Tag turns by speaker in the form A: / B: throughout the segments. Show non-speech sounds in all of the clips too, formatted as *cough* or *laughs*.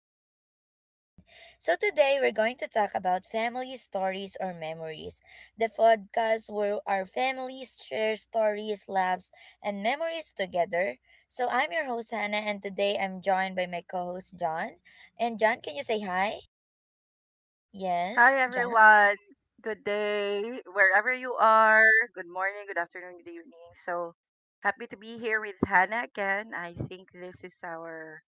A: podcast with John. So today we're going to talk about family stories or memories. The podcast where our families share stories, laughs, and memories together. So I'm your host Hannah and today I'm joined by my co-host John. And John, can you say hi?
B: Hi
A: Yes, John?
B: everyone. Good day, wherever you are. Good morning, good afternoon, good evening. So happy to be here with Hannah again. I think this is our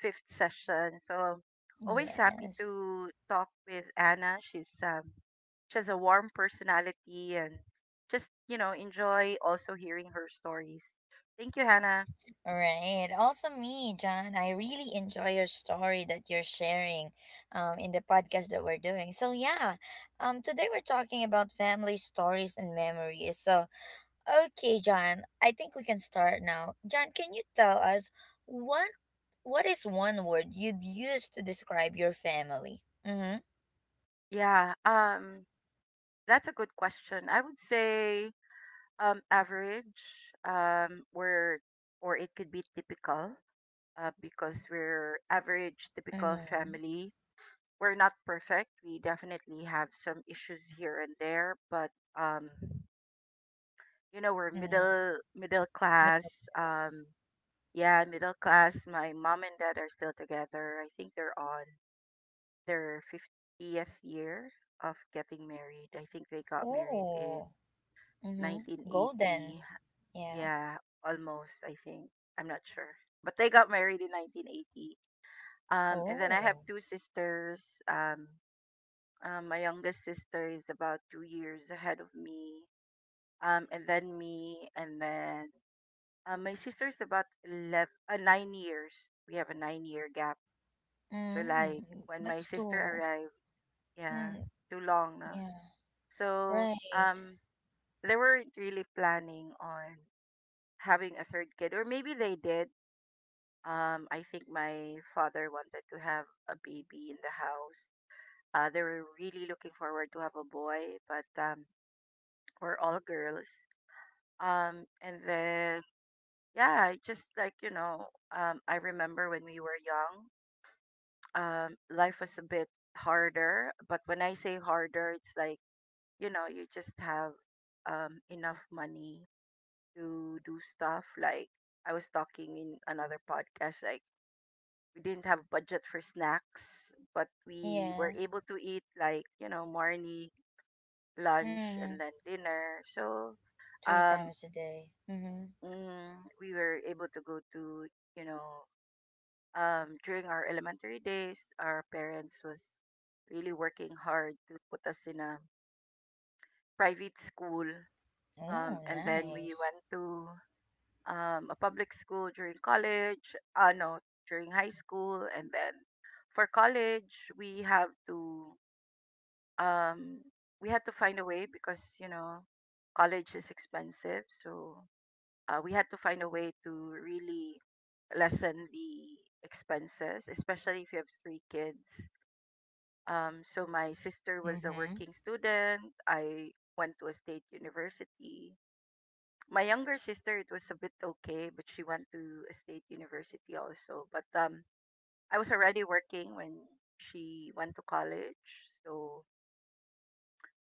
B: fifth session. So I'm always happy
A: Yes.
B: to talk with Anna. She's she has a warm personality and just enjoy also hearing her stories. Thank you, Hannah.
A: Right. Also, me, John, I really enjoy your story that you're sharing in the podcast that we're doing. So, yeah, today we're talking about family stories and memories. So, okay, John, I think we can start now. John, can you tell us what what is one word you'd use to describe your family? Mm
B: Yeah, um that's a good question. I would say average or it could be typical, because we're average
A: hmm. Mm
B: typical
A: hmm.
B: family. We're not perfect, we definitely have some issues here and there, but um you know, we're
A: Mm.
B: middle class.
A: Miracles.
B: Yeah, middle class. My mom and dad are still together. I think they're on their 50th year of getting married. I think they got married in
A: Oh. Mm hmm. Golden.
B: 1980.
A: Yeah.
B: Yeah, almost, I think. I'm not sure. But they got married in 1980. And then I have
A: Oh.
B: two sisters. Um, my youngest sister is about 2 years ahead of me. And then me. And then, my sister is about 11, 9 years. We have a 9 year gap. So, like,
A: Mm,
B: when my
A: that's
B: sister
A: two.
B: arrived, yeah,
A: Mm,
B: too long. No?
A: yeah.
B: So,
A: Right.
B: they weren't really planning on having a third kid, or maybe they did. I think my father wanted to have a baby in the house. They were really looking forward to have a boy, but we're all girls. And then yeah, I just like you know, I remember when we were young, life was a bit harder. But when I say harder, it's like, you just have enough money to do stuff. Like I was talking in another podcast, like we didn't have budget for snacks, but we were
A: Yeah.
B: able to eat, like, morning, lunch,
A: Mm,
B: and then dinner. So
A: three
B: um,
A: times a day. Mm-hmm.
B: mm, we were able to go to, you know, during our elementary days, our parents was really working hard to put us in a private school.
A: Oh,
B: And then we
A: nice.
B: went to a public school during college, no, during high school, and then for college, we have to um we had to find a way, because you know college is expensive. So, we had to find a way to really lessen the expenses, especially if you have three kids. Um, so my sister was a
A: Mm-hmm.
B: working student. I went to a state university. My younger sister, it was a bit okay, but she went to a state university also. But I was already working when she went to college, so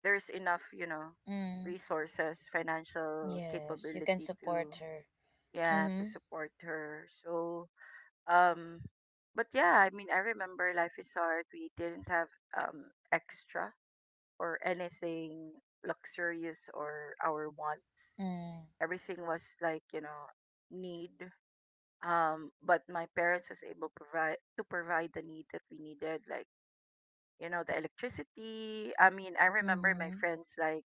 B: there's enough, you know,
A: Mm,
B: resources, financial
A: yes, you can
B: capability to,
A: support her.
B: yeah, to
A: Mm-hmm.
B: support her. So um but yeah, I mean, I remember life is hard. We didn't have um extra or anything luxurious or our wants.
A: Mm,
B: Everything was like, you know, need. Um, but my parents was able provide to provide the need that we needed, like you know, the electricity. I mean, I remember my
A: mm-hmm.
B: friends like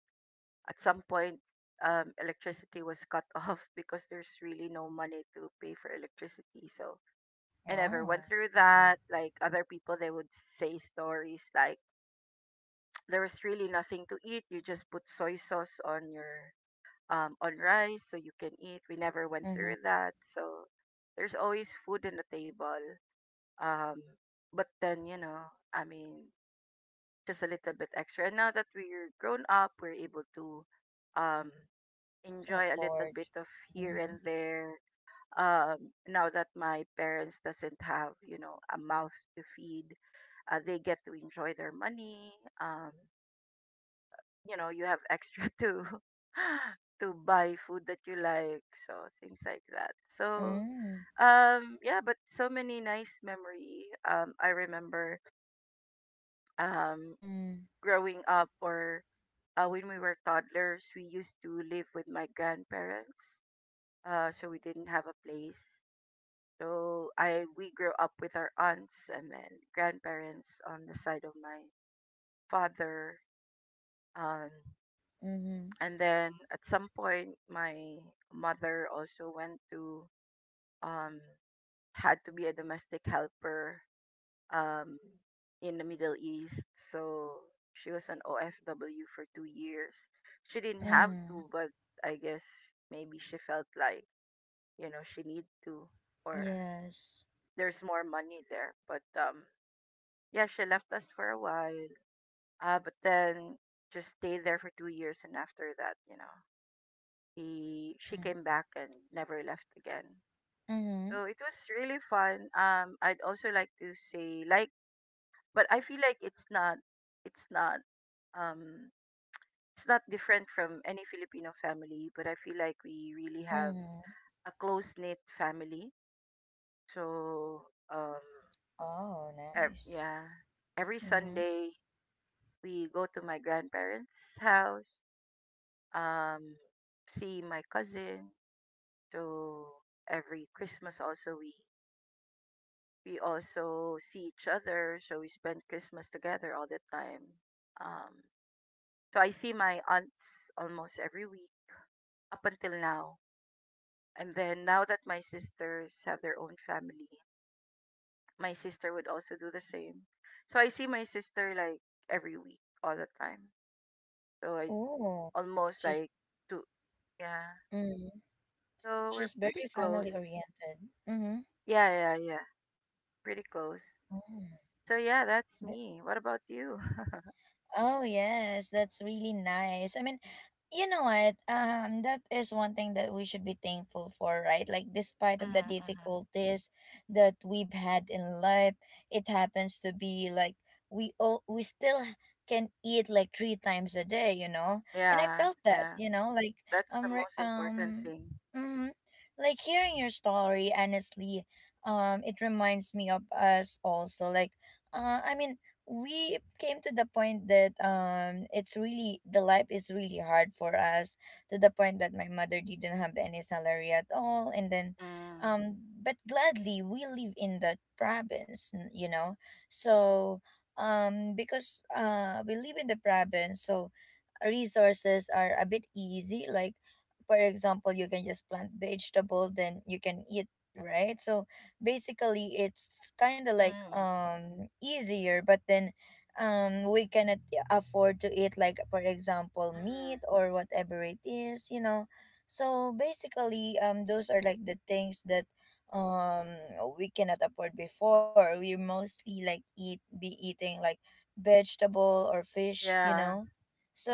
B: at some point, electricity was cut *laughs* off because there's really no money to pay for electricity. So I never went
A: Oh.
B: through that. Like other people, they would say stories like there was really nothing to eat, you just put soy sauce on your, on rice, so you can eat. We never went
A: Mm-hmm.
B: through that. So there's always food on the table. Um, but then, you know, I mean, just a little bit extra. And now that we're grown up, we're able to um
A: To
B: enjoy a little
A: afford.
B: bit of here and
A: Mm-hmm.
B: there. Now that my parents doesn't have, you know, a mouth to feed, they get to enjoy their money. Um, you know, you have extra *laughs* to *laughs* to buy food that you like, so things like that. So
A: Mm,
B: yeah, but so many nice memory. I remember um,
A: mm,
B: growing up or when we were toddlers, we used to live with my grandparents. So we didn't have a place. So I we grew up with our aunts and then grandparents on the side of my father. Um,
A: mm-hmm.
B: and then at some point, my mother also went to, um, had to be a domestic helper um, in the Middle East. So she was an OFW for 2 years. She didn't have to,
A: Mm-hmm.
B: but I guess maybe she felt like, you know, she need to, or
A: Yes.
B: there's more money there. But yeah, she left us for a while, but then just stayed there for 2 years, and after that, you know, he she
A: Mm,
B: came back and never left again.
A: mm-hmm.
B: So it was really fun. I'd also like to say like, but I feel like it's not, um, it's not different from any Filipino family. But I feel like we really have
A: Mm-hmm.
B: a close knit family. So um,
A: Oh,
B: ev-
A: nice.
B: yeah, every
A: Mm-hmm.
B: Sunday we go to my grandparents' house, um, see my cousin. So every Christmas also we also see each other. So we spend Christmas together all the time. Um, so I see my aunts almost every week up until now. And then now that my sisters have their own family, my sister would also do the same. So I see my sister like every week all the time. So I
A: Oh,
B: almost
A: just.
B: like two yeah.
A: Mm.
B: So we're
A: She's
B: pretty
A: very
B: close.
A: family oriented. Mm-hmm.
B: Yeah, yeah, yeah. Pretty close. So yeah, that's
A: Mm.
B: me. What about you? *laughs*
A: Oh yes, that's really nice. I mean, you know what? That is one thing that we should be thankful for, right? Like despite of the
B: Mm-hmm.
A: difficulties that we've had in life, it happens to be like we still can eat like three times a day, you know. And I
B: Yeah,
A: felt that,
B: yeah.
A: you know, like
B: That's the
A: um re-
B: most important
A: um
B: thing.
A: mm, like hearing your story honestly, it reminds me of us also. Like, I mean we came to the point that it's really the life is really hard for us, to the point that my mother didn't have any salary at all, and then
B: Mm.
A: um but gladly we live in the province, you know, so because we live in the province, so resources are a bit easy. Like, for example, you can just plant vegetable then you can eat, right? So basically it's kind of like
B: Mm.
A: easier, but then we cannot afford to eat, like for example, meat
B: Mm.
A: or whatever it is, you know. So basically those are like the things that um we cannot afford before. We mostly like eat be eating like vegetable or fish, you
B: Yeah,
A: know.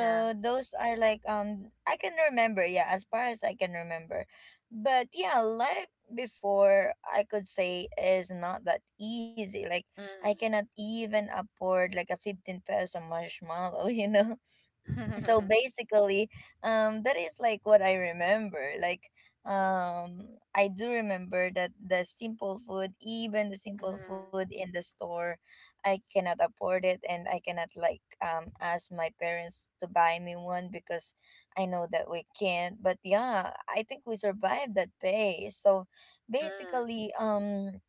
B: yeah.
A: those are like, I can remember, yeah, as far as I can remember. But yeah, life before, I could say, is not that easy. Like, I
B: Mm.
A: cannot even afford like a 15 peso marshmallow, *laughs* you know.
B: *laughs*
A: So
B: mm.
A: basically that is like what I remember. Like I do remember that the simple food, even the simple food in
B: Mm.
A: the store, I cannot afford it, and I cannot like ask my parents to buy me one, because I know that we can't. But yeah, I think we survived that pay. So
B: Mm.
A: basically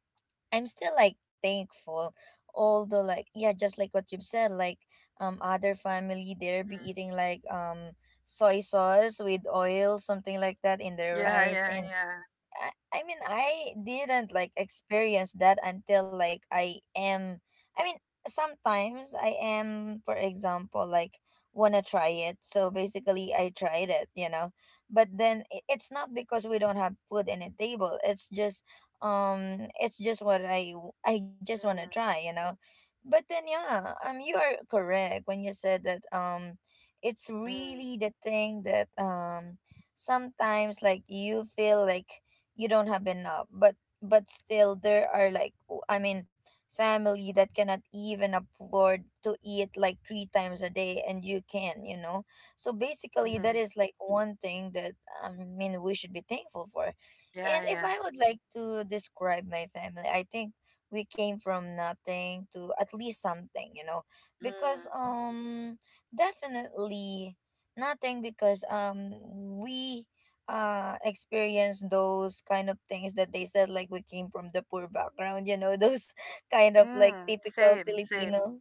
A: I'm still like thankful. Although like, yeah, just like what you've said, like other family there be eating like soy sauce with oil, something like that in their
B: Yeah,
A: rice,
B: yeah,
A: and
B: yeah.
A: I mean, I didn't like experience that until, like, I am, I mean, sometimes I am, for example, like, wanna try it, so basically I tried it, you know. But then it's not because we don't have food in a table. It's just it's just what I just wanna
B: Mm.
A: try, you know. But then yeah, you are correct when you said that it's really the thing that sometimes like you feel like you don't have enough, but still there are like, I mean, family that cannot even afford to eat like three times a day, and you can, you know. So
B: Mm.
A: basically that
B: Mm.
A: is like one thing that I mean we should be thankful for.
B: Yeah,
A: And if
B: yeah.
A: I would like to describe my family, I think we came from nothing to at least something, you know. Because
B: Mm.
A: definitely nothing, because we experience those kind of things that they said, like we came from the poor background, you know, those *laughs* kind of like
B: Mm.
A: typical
B: Same, same.
A: Filipino,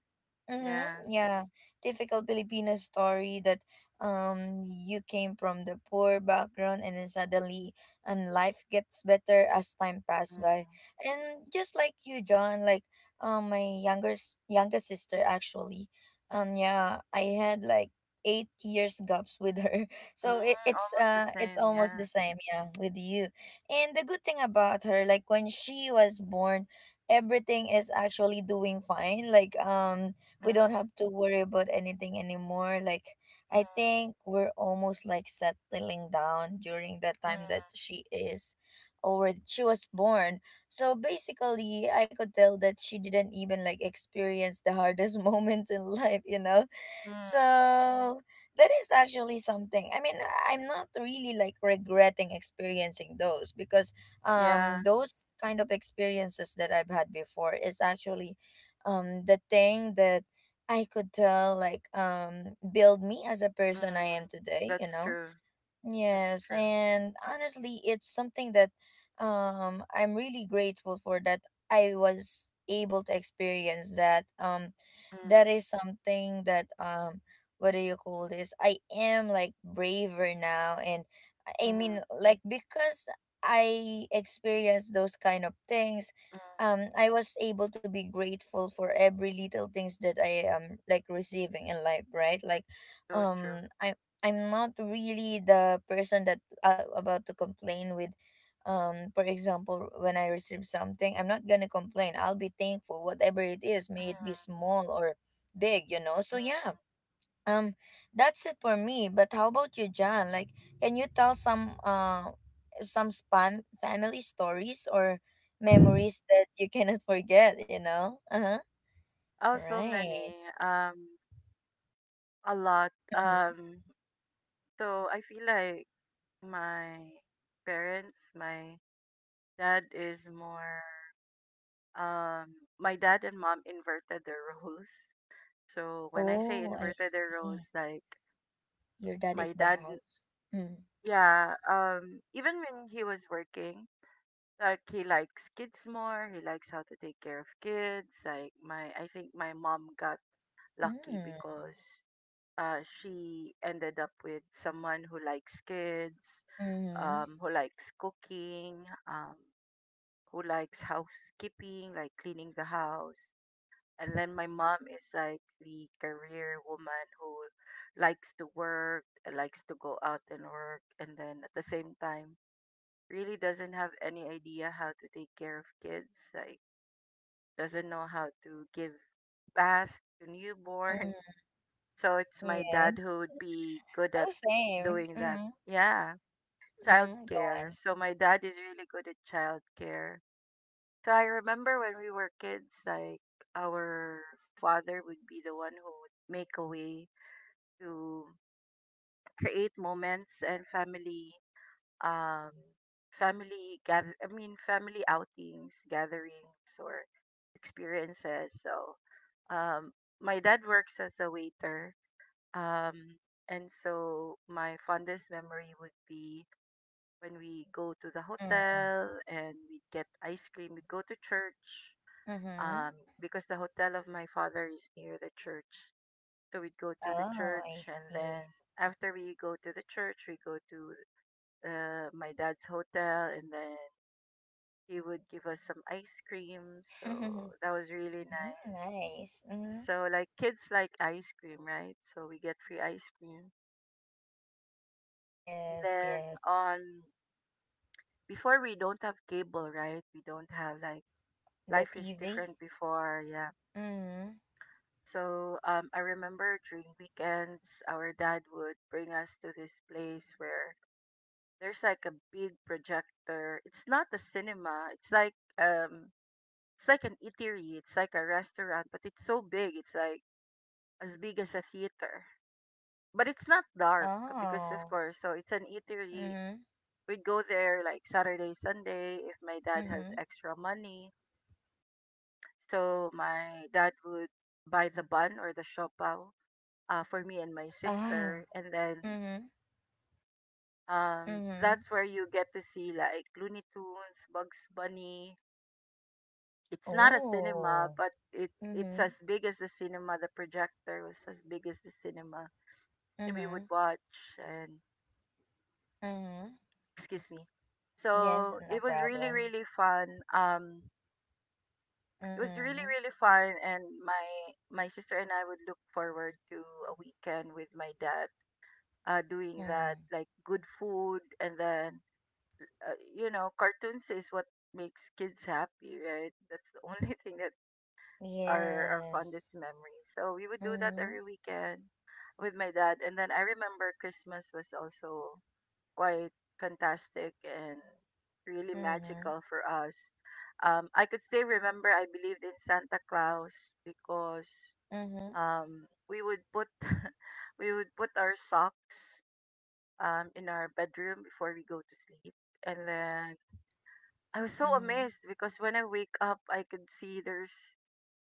A: mm-hmm,
B: Yeah.
A: yeah, typical Filipino story that you came from the poor background, and then suddenly, and life gets better as time passed by.
B: Mm.
A: And just like you, John, like my younger younger sister actually, yeah, I had like 8 years gaps with her.
B: Mm.
A: So it, it's
B: Almost the
A: uh it's
B: same.
A: almost the
B: Yeah.
A: same, yeah, with you. And the good thing about her, like when she was born, everything is actually doing fine. Like
B: Mm.
A: we don't have to worry about anything anymore. Like,
B: Mm.
A: I think we're almost like settling down during the
B: Mm.
A: time that she is, or she was born. So basically I could tell that she didn't even like experience the hardest *laughs* moments in life, you know.
B: Mm.
A: So that is actually something. I mean, I'm not really like regretting experiencing those, because
B: Yeah.
A: those kind of experiences that I've had before is actually the thing that I could tell, like, build me as a person I
B: Mm,
A: am today, you
B: that's
A: know.
B: true. That's
A: Yes,
B: true.
A: and honestly, it's something that I'm really grateful for, that I was able to experience that. That
B: Mm,
A: is something that, what do you call this? I am like braver now, and I mean,
B: mm,
A: like because I experienced those kind of things,
B: mm,
A: I was able to be grateful for every little things that I am like receiving in life, right? Like
B: so true.
A: um I I'm not really the person that, about to complain with, for example, when I receive something, I'm not gonna complain. I'll be thankful whatever it is, may it be
B: Mm,
A: small or big, you know. So yeah, um that's it for me. But how about you, John? Like, can you tell some spam family stories or
B: mm.
A: memories that you *laughs* cannot forget, you know? Uh-huh.
B: *laughs* Oh, so
A: Right.
B: many. A lot.
A: Mhm.
B: So I feel like my my dad is more. My dad and mom inverted their roles. So when I say
A: Oh, I
B: inverted their
A: see.
B: roles, like
A: Your dad is
B: my
A: the
B: dad,
A: house. Mm-hmm.
B: yeah. Even when he was working, like he likes kids more, he likes how to take care of kids. Like my, I think my mom got lucky
A: Mm,
B: because, she ended up with someone who likes kids,
A: mhm,
B: who likes cooking, um, who likes housekeeping, like cleaning the house. And then my mom is like the career woman who likes to work, likes to go out and work, and then at the same time really doesn't have any idea how to take care of kids. Like doesn't know how to give bath to newborn.
A: mm,
B: *laughs* So it's my
A: yeah.
B: dad who would be good at
A: Oh, same.
B: doing that.
A: Mhm,
B: Yeah,
A: mm, go
B: childcare.
A: on.
B: So my dad is really good at childcare. So I remember when we were kids, like our father would be the one who would make a way to create moments and family, um, family outings, gatherings, or experiences. So, um, my dad works as a waiter, um, and so my fondest memory would be when we go to the
A: Mm,
B: hotel and we get ice cream. We go to church,
A: mhm.
B: um, because the hotel of my father is near the church. So we'd go to the
A: Oh, I
B: church, and
A: see.
B: then after we go to the church, we go to, my dad's hotel, and then he would give us some ice cream. So
A: *laughs*
B: that was really
A: Mm,
B: nice.
A: nice. Mm.
B: So like kids like ice cream, right? So we get free ice cream. And
A: Yes,
B: then
A: yes.
B: on before, we don't have cable, right? We don't have like,
A: The
B: life is
A: TV.
B: different before, yeah.
A: Mm.
B: So I remember during weekends, our dad would bring us to this place where there's like a big projector. It's not a cinema. It's like um it's like an eatery. It's like a restaurant, but it's so big. It's like as big as a theater. But it's not dark because, of
A: Oh.
B: course, so it's an eatery.
A: Mm-hmm.
B: We'd go there like Saturday, Sunday if my dad has
A: Mm-hmm.
B: extra money. So my dad would buy the bun or the siopaw, for me and my
A: Oh.
B: sister. And then,
A: Mm-hmm. Mm-hmm.
B: that's where you get to see like Looney Tunes, Bugs Bunny. It's not a cinema,
A: Oh.
B: but it
A: Mm-hmm.
B: it's as big as the cinema. The projector was as big as the cinema, and we would
A: Mm-hmm.
B: watch. And
A: Mm-hmm.
B: excuse me.
A: Yes,
B: So
A: no
B: it was really
A: problem.
B: really fun. Um, it was
A: Mm-hmm.
B: really really fun, and my sister and I would look forward to a weekend with my dad. Doing that,
A: Mm.
B: like good food, and then, you know, cartoons is what makes kids happy, right? That's the only *laughs* thing that our
A: Yes.
B: fondest memory. So we would do that
A: Mm-hmm.
B: every weekend with my dad. And then I remember Christmas was also quite fantastic and really
A: Mm-hmm.
B: magical for us. I could still remember I believed in Santa Claus because,
A: Mm-hmm.
B: we would put *laughs* we would put our socks, in our bedroom before we go to sleep. And then I was so
A: Mm.
B: amazed because when I wake up, I could see there's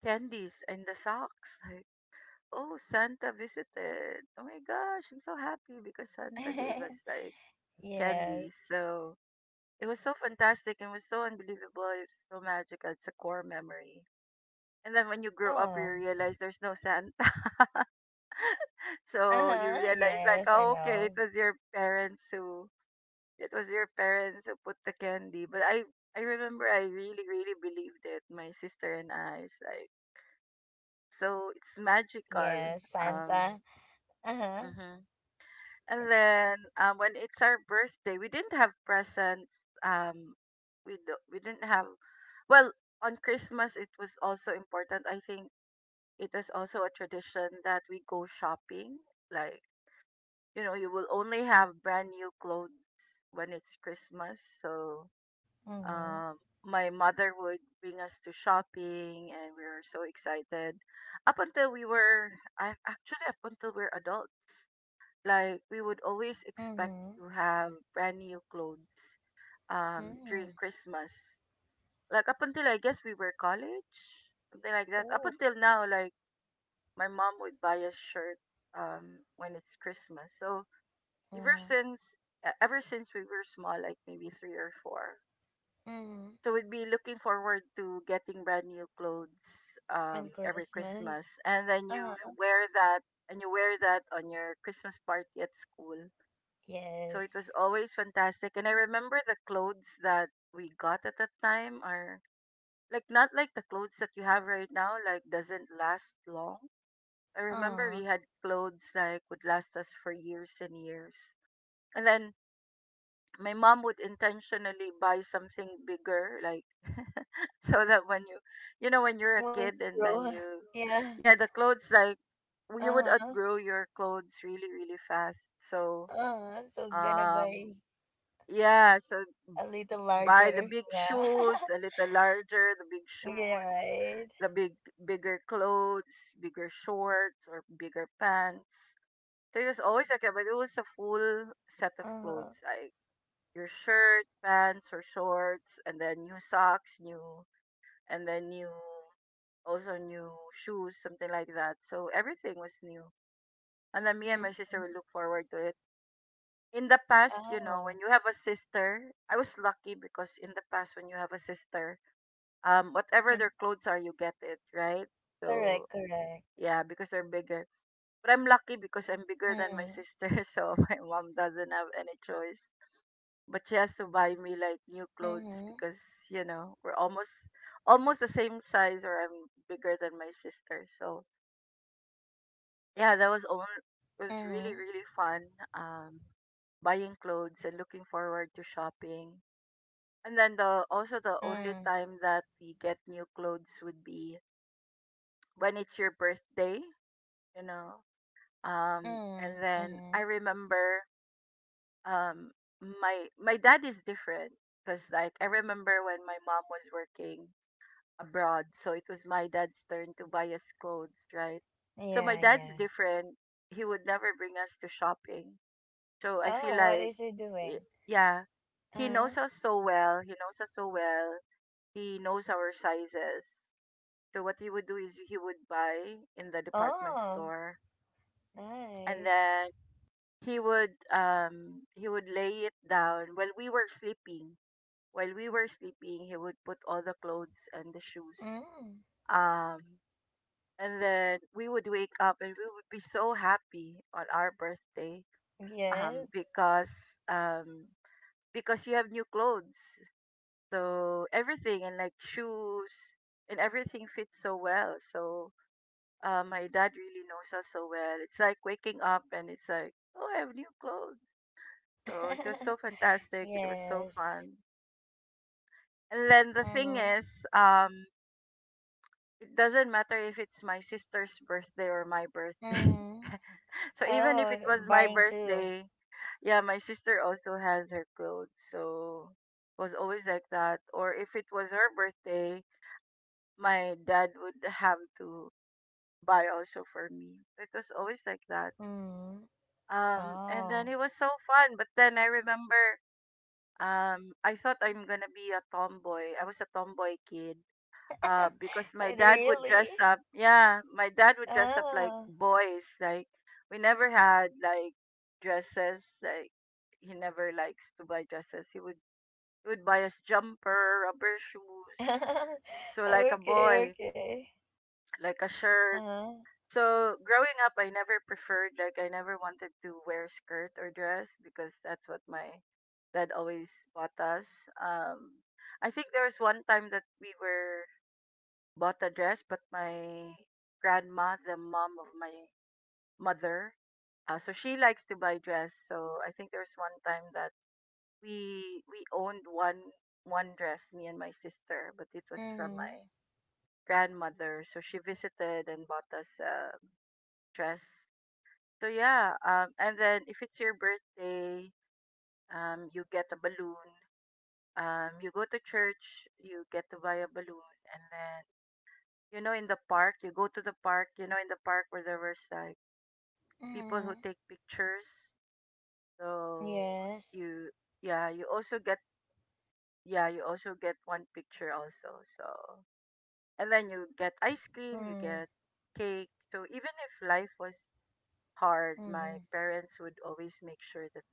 B: candies in the socks. *laughs* like. Oh, Santa visited. Oh my gosh, I'm so happy because Santa gave
A: *laughs*
B: us like candies.
A: Yes.
B: So it was so fantastic and was so unbelievable. It was so magical. It's a core memory. And then when you grow up, you
A: Oh.
B: realize there's no Santa. *laughs* So you
A: Uh-huh.
B: realize like,
A: Yes, I
B: oh, okay, it
A: know.
B: was your parents who put the candy. But I remember I really really believed it. My sister and I it's like so it's magical.
A: Yes,
B: Um.
A: Santa. Uh-huh.
B: Mhm. And then when it's our birthday, we didn't have presents. Um, we didn't have. Well, on Christmas it was also important. I think it was also a tradition that we go shopping. Like you know, you will only have brand new clothes when it's Christmas. So
A: Mm-hmm.
B: my mother would bring us to shopping, and we were so excited. Up until we were, I actually up until we're adults like we would always expect
A: Mm-hmm.
B: to have brand new clothes during
A: Mm-hmm.
B: Christmas. Like up until I guess we were college, something like that. Up
A: Oh.
B: until now, like my mom would buy a shirt when it's Christmas. So ever
A: Mm-hmm.
B: since ever since we were small, like maybe three or four.
A: Mm-hmm.
B: So we'd be looking forward to getting brand new clothes
A: On
B: every
A: Christmas.
B: Christmas. And then
A: Uh-huh.
B: you wear that on your Christmas party at school. So it was
A: Yes.
B: always fantastic. And I remember the clothes that we got at that time are like not like the clothes that you have right now, like doesn't last long. I remember
A: Uh-huh.
B: we had clothes like would last us for years and years. And then my mom would intentionally buy something bigger, like *laughs* so that when you know, when you're a
A: When
B: kid and
A: grow.
B: then you
A: *laughs* Yeah.
B: yeah, the clothes like you would
A: Uh-huh.
B: outgrow your clothes really, really fast. So
A: Uh-huh. So gonna
B: um
A: buy
B: yeah, so
A: a little
B: buy the
A: larger.
B: big
A: Yeah. *laughs*
B: shoes, a little larger, the big
A: Yeah,
B: shoes,
A: right.
B: the big bigger clothes, bigger shorts or bigger pants. There was always like that, but it was a full set of clothes,
A: Uh-huh.
B: like your shirt, pants or shorts, and then new socks, new and then new also new shoes, something like that. So everything was new. And then me and
A: Mm-hmm. Mm-hmm.
B: my sister would look forward to it. In the past, you know, when
A: Oh.
B: you have a sister, I was lucky because in the past, when you have a sister, whatever their
A: *laughs*
B: clothes are you get it right,
A: Correct,
B: so
A: correct.
B: yeah, because they're bigger, but I'm lucky because I'm bigger than my
A: Mm-hmm.
B: sister, *laughs* so my mom doesn't have any choice but she has to buy me like new clothes
A: Mm-hmm.
B: because you know we're almost the same size or I'm bigger than my sister. So yeah, that was only was really
A: Mm-hmm.
B: really fun, um buying clothes and looking forward to shopping. And then the also the only
A: Mm-hmm.
B: time that we get new clothes would be when it's your birthday, you know.
A: Mm-hmm.
B: And then
A: Mm-hmm.
B: I remember um, my my dad is different because like I remember when my mom was working abroad, so it was my dad's turn to buy us clothes, right? So my
A: Yeah,
B: dad's
A: yeah.
B: different. He would never bring us to shopping. So I
A: Oh,
B: feel
A: what
B: like,
A: is he
B: y-
A: doing?
B: yeah, he
A: Uh-huh.
B: knows us so well. He knows us so well. He knows our sizes. So what he would do is he would buy in the department
A: Oh,
B: store, and
A: nice.
B: then he would lay it down while we were sleeping, while we were sleeping he would put all the clothes and the shoes,
A: Mm.
B: um and then we would wake up and we would be so happy on our birthday, um
A: Yes.
B: because um because you have new clothes, so everything and like shoes and everything fits so well. So my dad really knows us so well. It's like waking up and it's like, oh, I have new clothes. So it was so
A: *laughs*
B: fantastic. It was so
A: Yes.
B: fun. And then the thing
A: Mm-hmm.
B: is, um, it doesn't matter if it's my sister's birthday or my birthday.
A: Mm-hmm.
B: *laughs* So even if
A: Oh,
B: it was my
A: buying too.
B: birthday, yeah, my sister also has her clothes. So it was always like that. Or if it was her birthday, my dad would have to buy also for me. It was always like that.
A: Mm-hmm.
B: And then
A: Oh.
B: it was so fun. But then I remember. I thought I'm gonna be a tomboy. I was a tomboy kid.
A: *laughs*
B: Because my dad would
A: Really?
B: dress up. Yeah, my dad would dress up like
A: Oh.
B: boys. Like we never had like dresses. Like he never likes to buy dresses. He would buy us jumper, rubber shoes.
A: *laughs*
B: So like a
A: Okay,
B: boy,
A: okay.
B: like a shirt.
A: Uh-huh.
B: So growing up, I never preferred like I never wanted to wear skirt or dress because that's what my dad always bought us. Um, I think there was one time that we were bought a dress, but my grandma, the mom of my mother, so she likes to buy dress. So I think there was one time that we owned one dress, me and my sister, but it was from
A: Mm-hmm.
B: my grandmother. So she visited and bought us a dress. So yeah, and then if it's your birthday, you get a balloon. You go to church, you get to buy a balloon, and then you know in the park, you go to the park. You know in the park where there was like people
A: Mm-hmm.
B: who take pictures. So
A: Yes.
B: you yeah, you also get one picture also. So and then you get ice cream, you
A: Mm.
B: get cake. So even if life was hard, my
A: Mm-hmm.
B: parents would always make sure that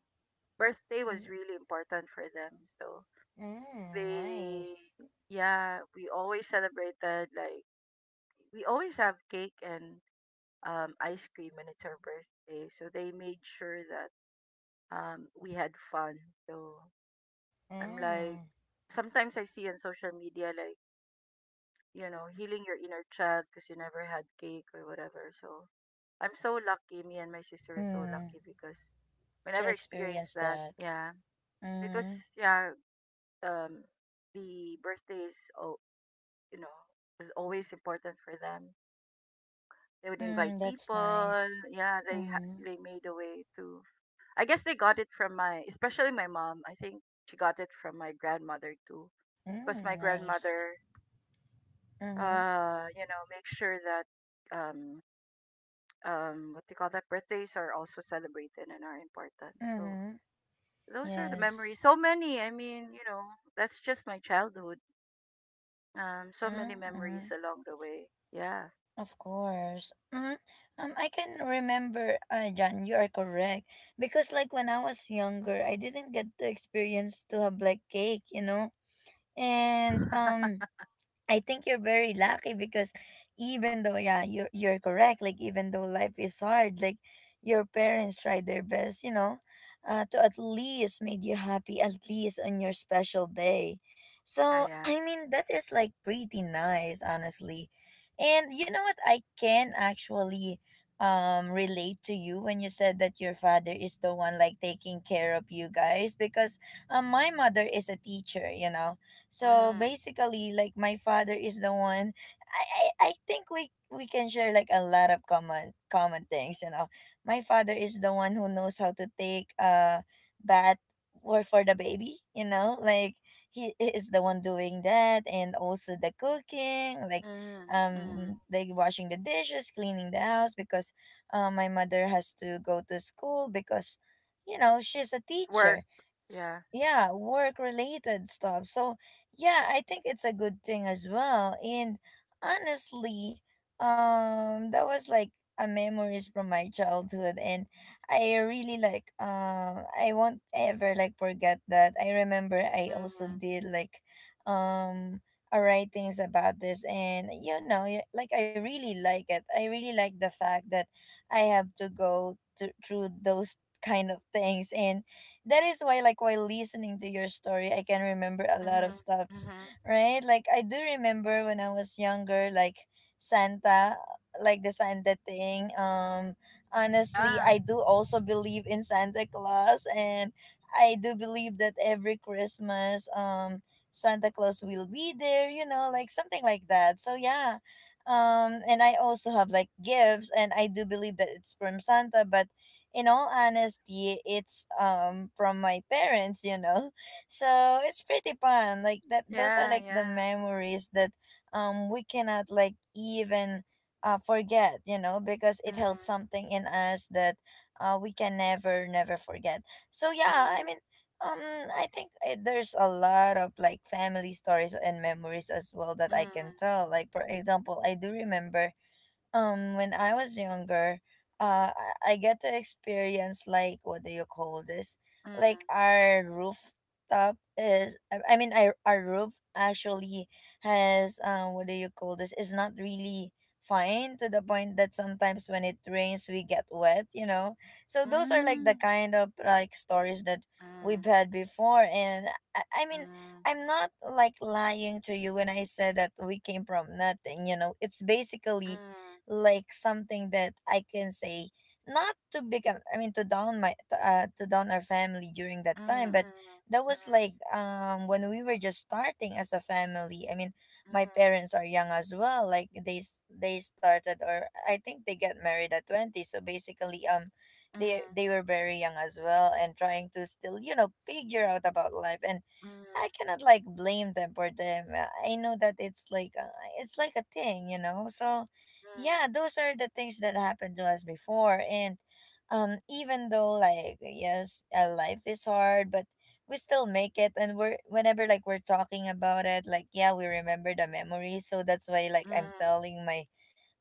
B: birthday was
A: Y-
B: really important for them. So
A: Mm,
B: they,
A: nice.
B: yeah, we always celebrated like we always have cake and ice cream when it's our birthday. So they made sure that we had fun. So I'm like,
A: Mm.
B: sometimes I see on social media like you know healing your inner child because you never had cake or whatever. So I'm so lucky. Me and my sister are so
A: Mm.
B: lucky because we
A: To
B: never experienced
A: experience
B: that.
A: that.
B: Yeah, it was
A: Mm.
B: yeah, um the birthday is oh you know is always important for them. They would invite
A: Mm, that's
B: people,
A: nice.
B: yeah, they
A: Mm-hmm.
B: they made a way to, I guess they got it from my, especially my mom, I think she got it from my grandmother too, because my
A: Mm, nice.
B: grandmother,
A: Mm-hmm.
B: you know, make sure that what do you call that, birthdays are also celebrated and are important. So
A: Mm-hmm.
B: those are the memories,
A: Yes.
B: so many, I mean, you know, that's just my childhood. So many
A: Mm-hmm.
B: memories
A: Mm-hmm.
B: along the way. Yeah.
A: Of course. Mm-hmm. I can remember, John, you are correct. Because, like, when I was younger, I didn't get to experience to have, like, cake, you know? And, I think you're very lucky because, even though, yeah, you're correct, like, even though life is hard, like, your parents tried their best, you know, to at least make you happy, at least on your special day.
B: Yeah.
A: So
B: Yeah.
A: I mean that is like pretty nice, honestly. And you know what? I can actually relate to you when you said that your father is the one like taking care of you guys, because my mother is a teacher, you know. So
B: Hmm.
A: basically, like, my father is the one. I I think we can share like a lot of common things. You know, my father is the one who knows how to take a bath, or for the baby. You know, like, he is the one doing that, and also the cooking, like,
B: Hmm. Hmm.
A: like washing the dishes, cleaning the house, because my mother has to go to school, because you know she's a
B: Work.
A: teacher.
B: Yeah.
A: Yeah, work related stuff. So yeah, I think it's a good thing as well. And honestly, that was like a memories from my childhood, and I really like, I won't ever like forget that. I remember I also
B: Hmm.
A: did like um a writings about this, and you know, like I really like it. I really like the fact that I have to go to, through those kind of things. And that is why, like, while listening to your story, I can remember a lot of
B: Hmm.
A: stuffs.
B: Hmm.
A: Right? Like, I do remember when I was younger, like Santa, like the Santa thing. Honestly,
B: Yeah.
A: I do also believe in Santa Claus, and I do believe that every Christmas, Santa Claus will be there, you know, like something like that. So yeah, and I also have like gifts, and I do believe that it's from Santa. But in all honesty, it's from my parents, you know. *laughs* So it's pretty fun. Like that, those are
B: Yeah.
A: like the
B: Yeah.
A: memories that we cannot like even forget, you know, because
B: Hmm.
A: it held something in us that we can never never forget. So yeah, I
B: Hmm.
A: mean, um I think there's a lot of like family stories and memories as well that I
B: Hmm.
A: can tell. Like for example, I do remember when I was younger, I get to experience like, what do you call this? Like
B: Hmm.
A: our rooftop is, I mean, our roof actually has, what do you call this? Is not really fine, to the point that sometimes when it rains we get wet. You know, so those are like the kind of like stories that we've
B: Hmm.
A: had before, and I mean,
B: Hmm.
A: I'm not like lying to you when I said that we came from nothing. You know, it's basically like something that I can say, not to become, to down my to down our family during that
B: Hmm.
A: time,
B: Hmm.
A: but
B: Hmm.
A: that was like, when we were just starting as a family. I mean, my parents are young as well, like they started, or I think they get married at 20. So basically, they were very young as well, and trying to still, you know, figure out about life. And I cannot like blame them for them. I know that it's like, it's like a thing, you know. So yeah, those are the things that happened to us before. And even though like, yes, life is hard, but we still make it. And we're, whenever like we're talking about it, like, yeah, we remember the memories. So that's why like I'm
B: Hmm.
A: telling my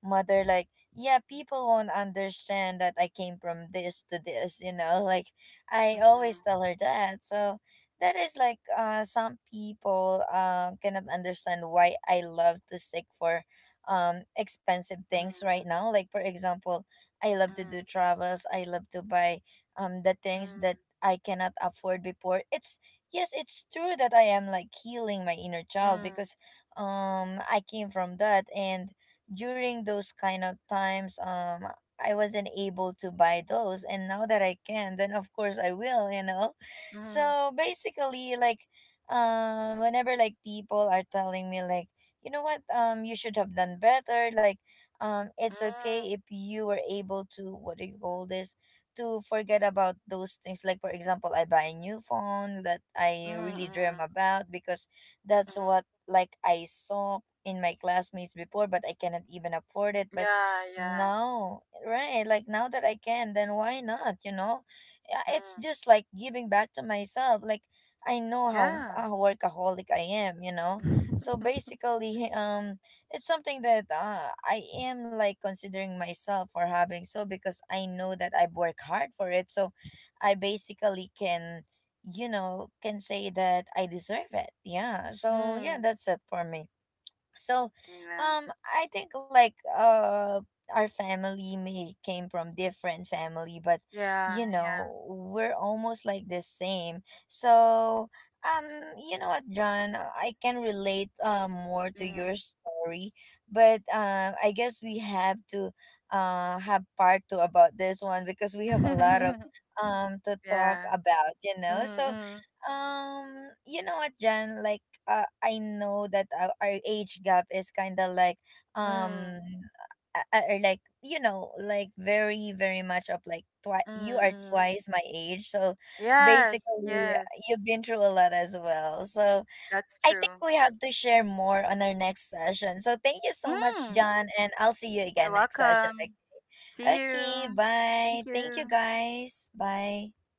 A: mother like, yeah, people won't understand that I came from this to this, you know. *laughs* Like, I always tell her that. So that is like, some people cannot understand why I love to seek for expensive
B: Hmm. Hmm. Hmm. Hmm.
A: things
B: Hmm.
A: right
B: Hmm.
A: now. Like for example, I love to do travels, I love to buy the things that I cannot afford before. It's, yes, it's true that I am like healing my inner child, because I came from that. And during those kind of times, I wasn't able to buy those, and now that I can, then of course I will, you know.
B: Hmm. Hmm.
A: So basically, like, whenever like people are telling me like, you know what, you should have done better, like, it's okay if you were able to, what do you call this, to forget about those things. Like for example, I buy a new phone that
B: Hmm.
A: I
B: Hmm.
A: really dream about, because that's
B: Hmm.
A: what like I saw in my classmates before, but I cannot even afford it. But
B: Yeah, yeah.
A: now, right, like now that I can, then why not, you know. Yeah, it's
B: Mm.
A: just like giving back to myself, like, I know how,
B: Yeah.
A: workaholic I am, you know. So
B: *laughs*
A: basically, it's something that, I am like considering myself for having, so because I know that I've worked hard for it. So I basically can, you know, can say that I deserve it. Yeah. So yeah,
B: Mm.
A: that's it for me. So
B: Yeah.
A: I think like, our family may came from different family, but
B: Yeah,
A: you
B: yeah.
A: know, we're almost like the same. So um you know what, John, I can relate, more to your
B: Mm.
A: story. But I guess we have to, have part two about this one, because we have a lot of
B: *laughs*
A: to talk
B: Yeah.
A: about, you know.
B: Mm,
A: So
B: mm,
A: you know what, John, like, I know that our, age gap is kind of like,
B: mm,
A: um or like, you know, like very very much up, like, you
B: mm,
A: are
B: mm.
A: twice my age. So
B: Yes,
A: basically,
B: yes.
A: you've been through a lot as well. So
B: That's
A: I think
B: true.
A: we have to share more on our next session. So thank you so much,
B: Mm.
A: John, and I'll see you
B: You're
A: again next session. Like,
B: welcome. See you.
A: okay, bye,
B: Thank
A: thank you
B: you.
A: guys, bye.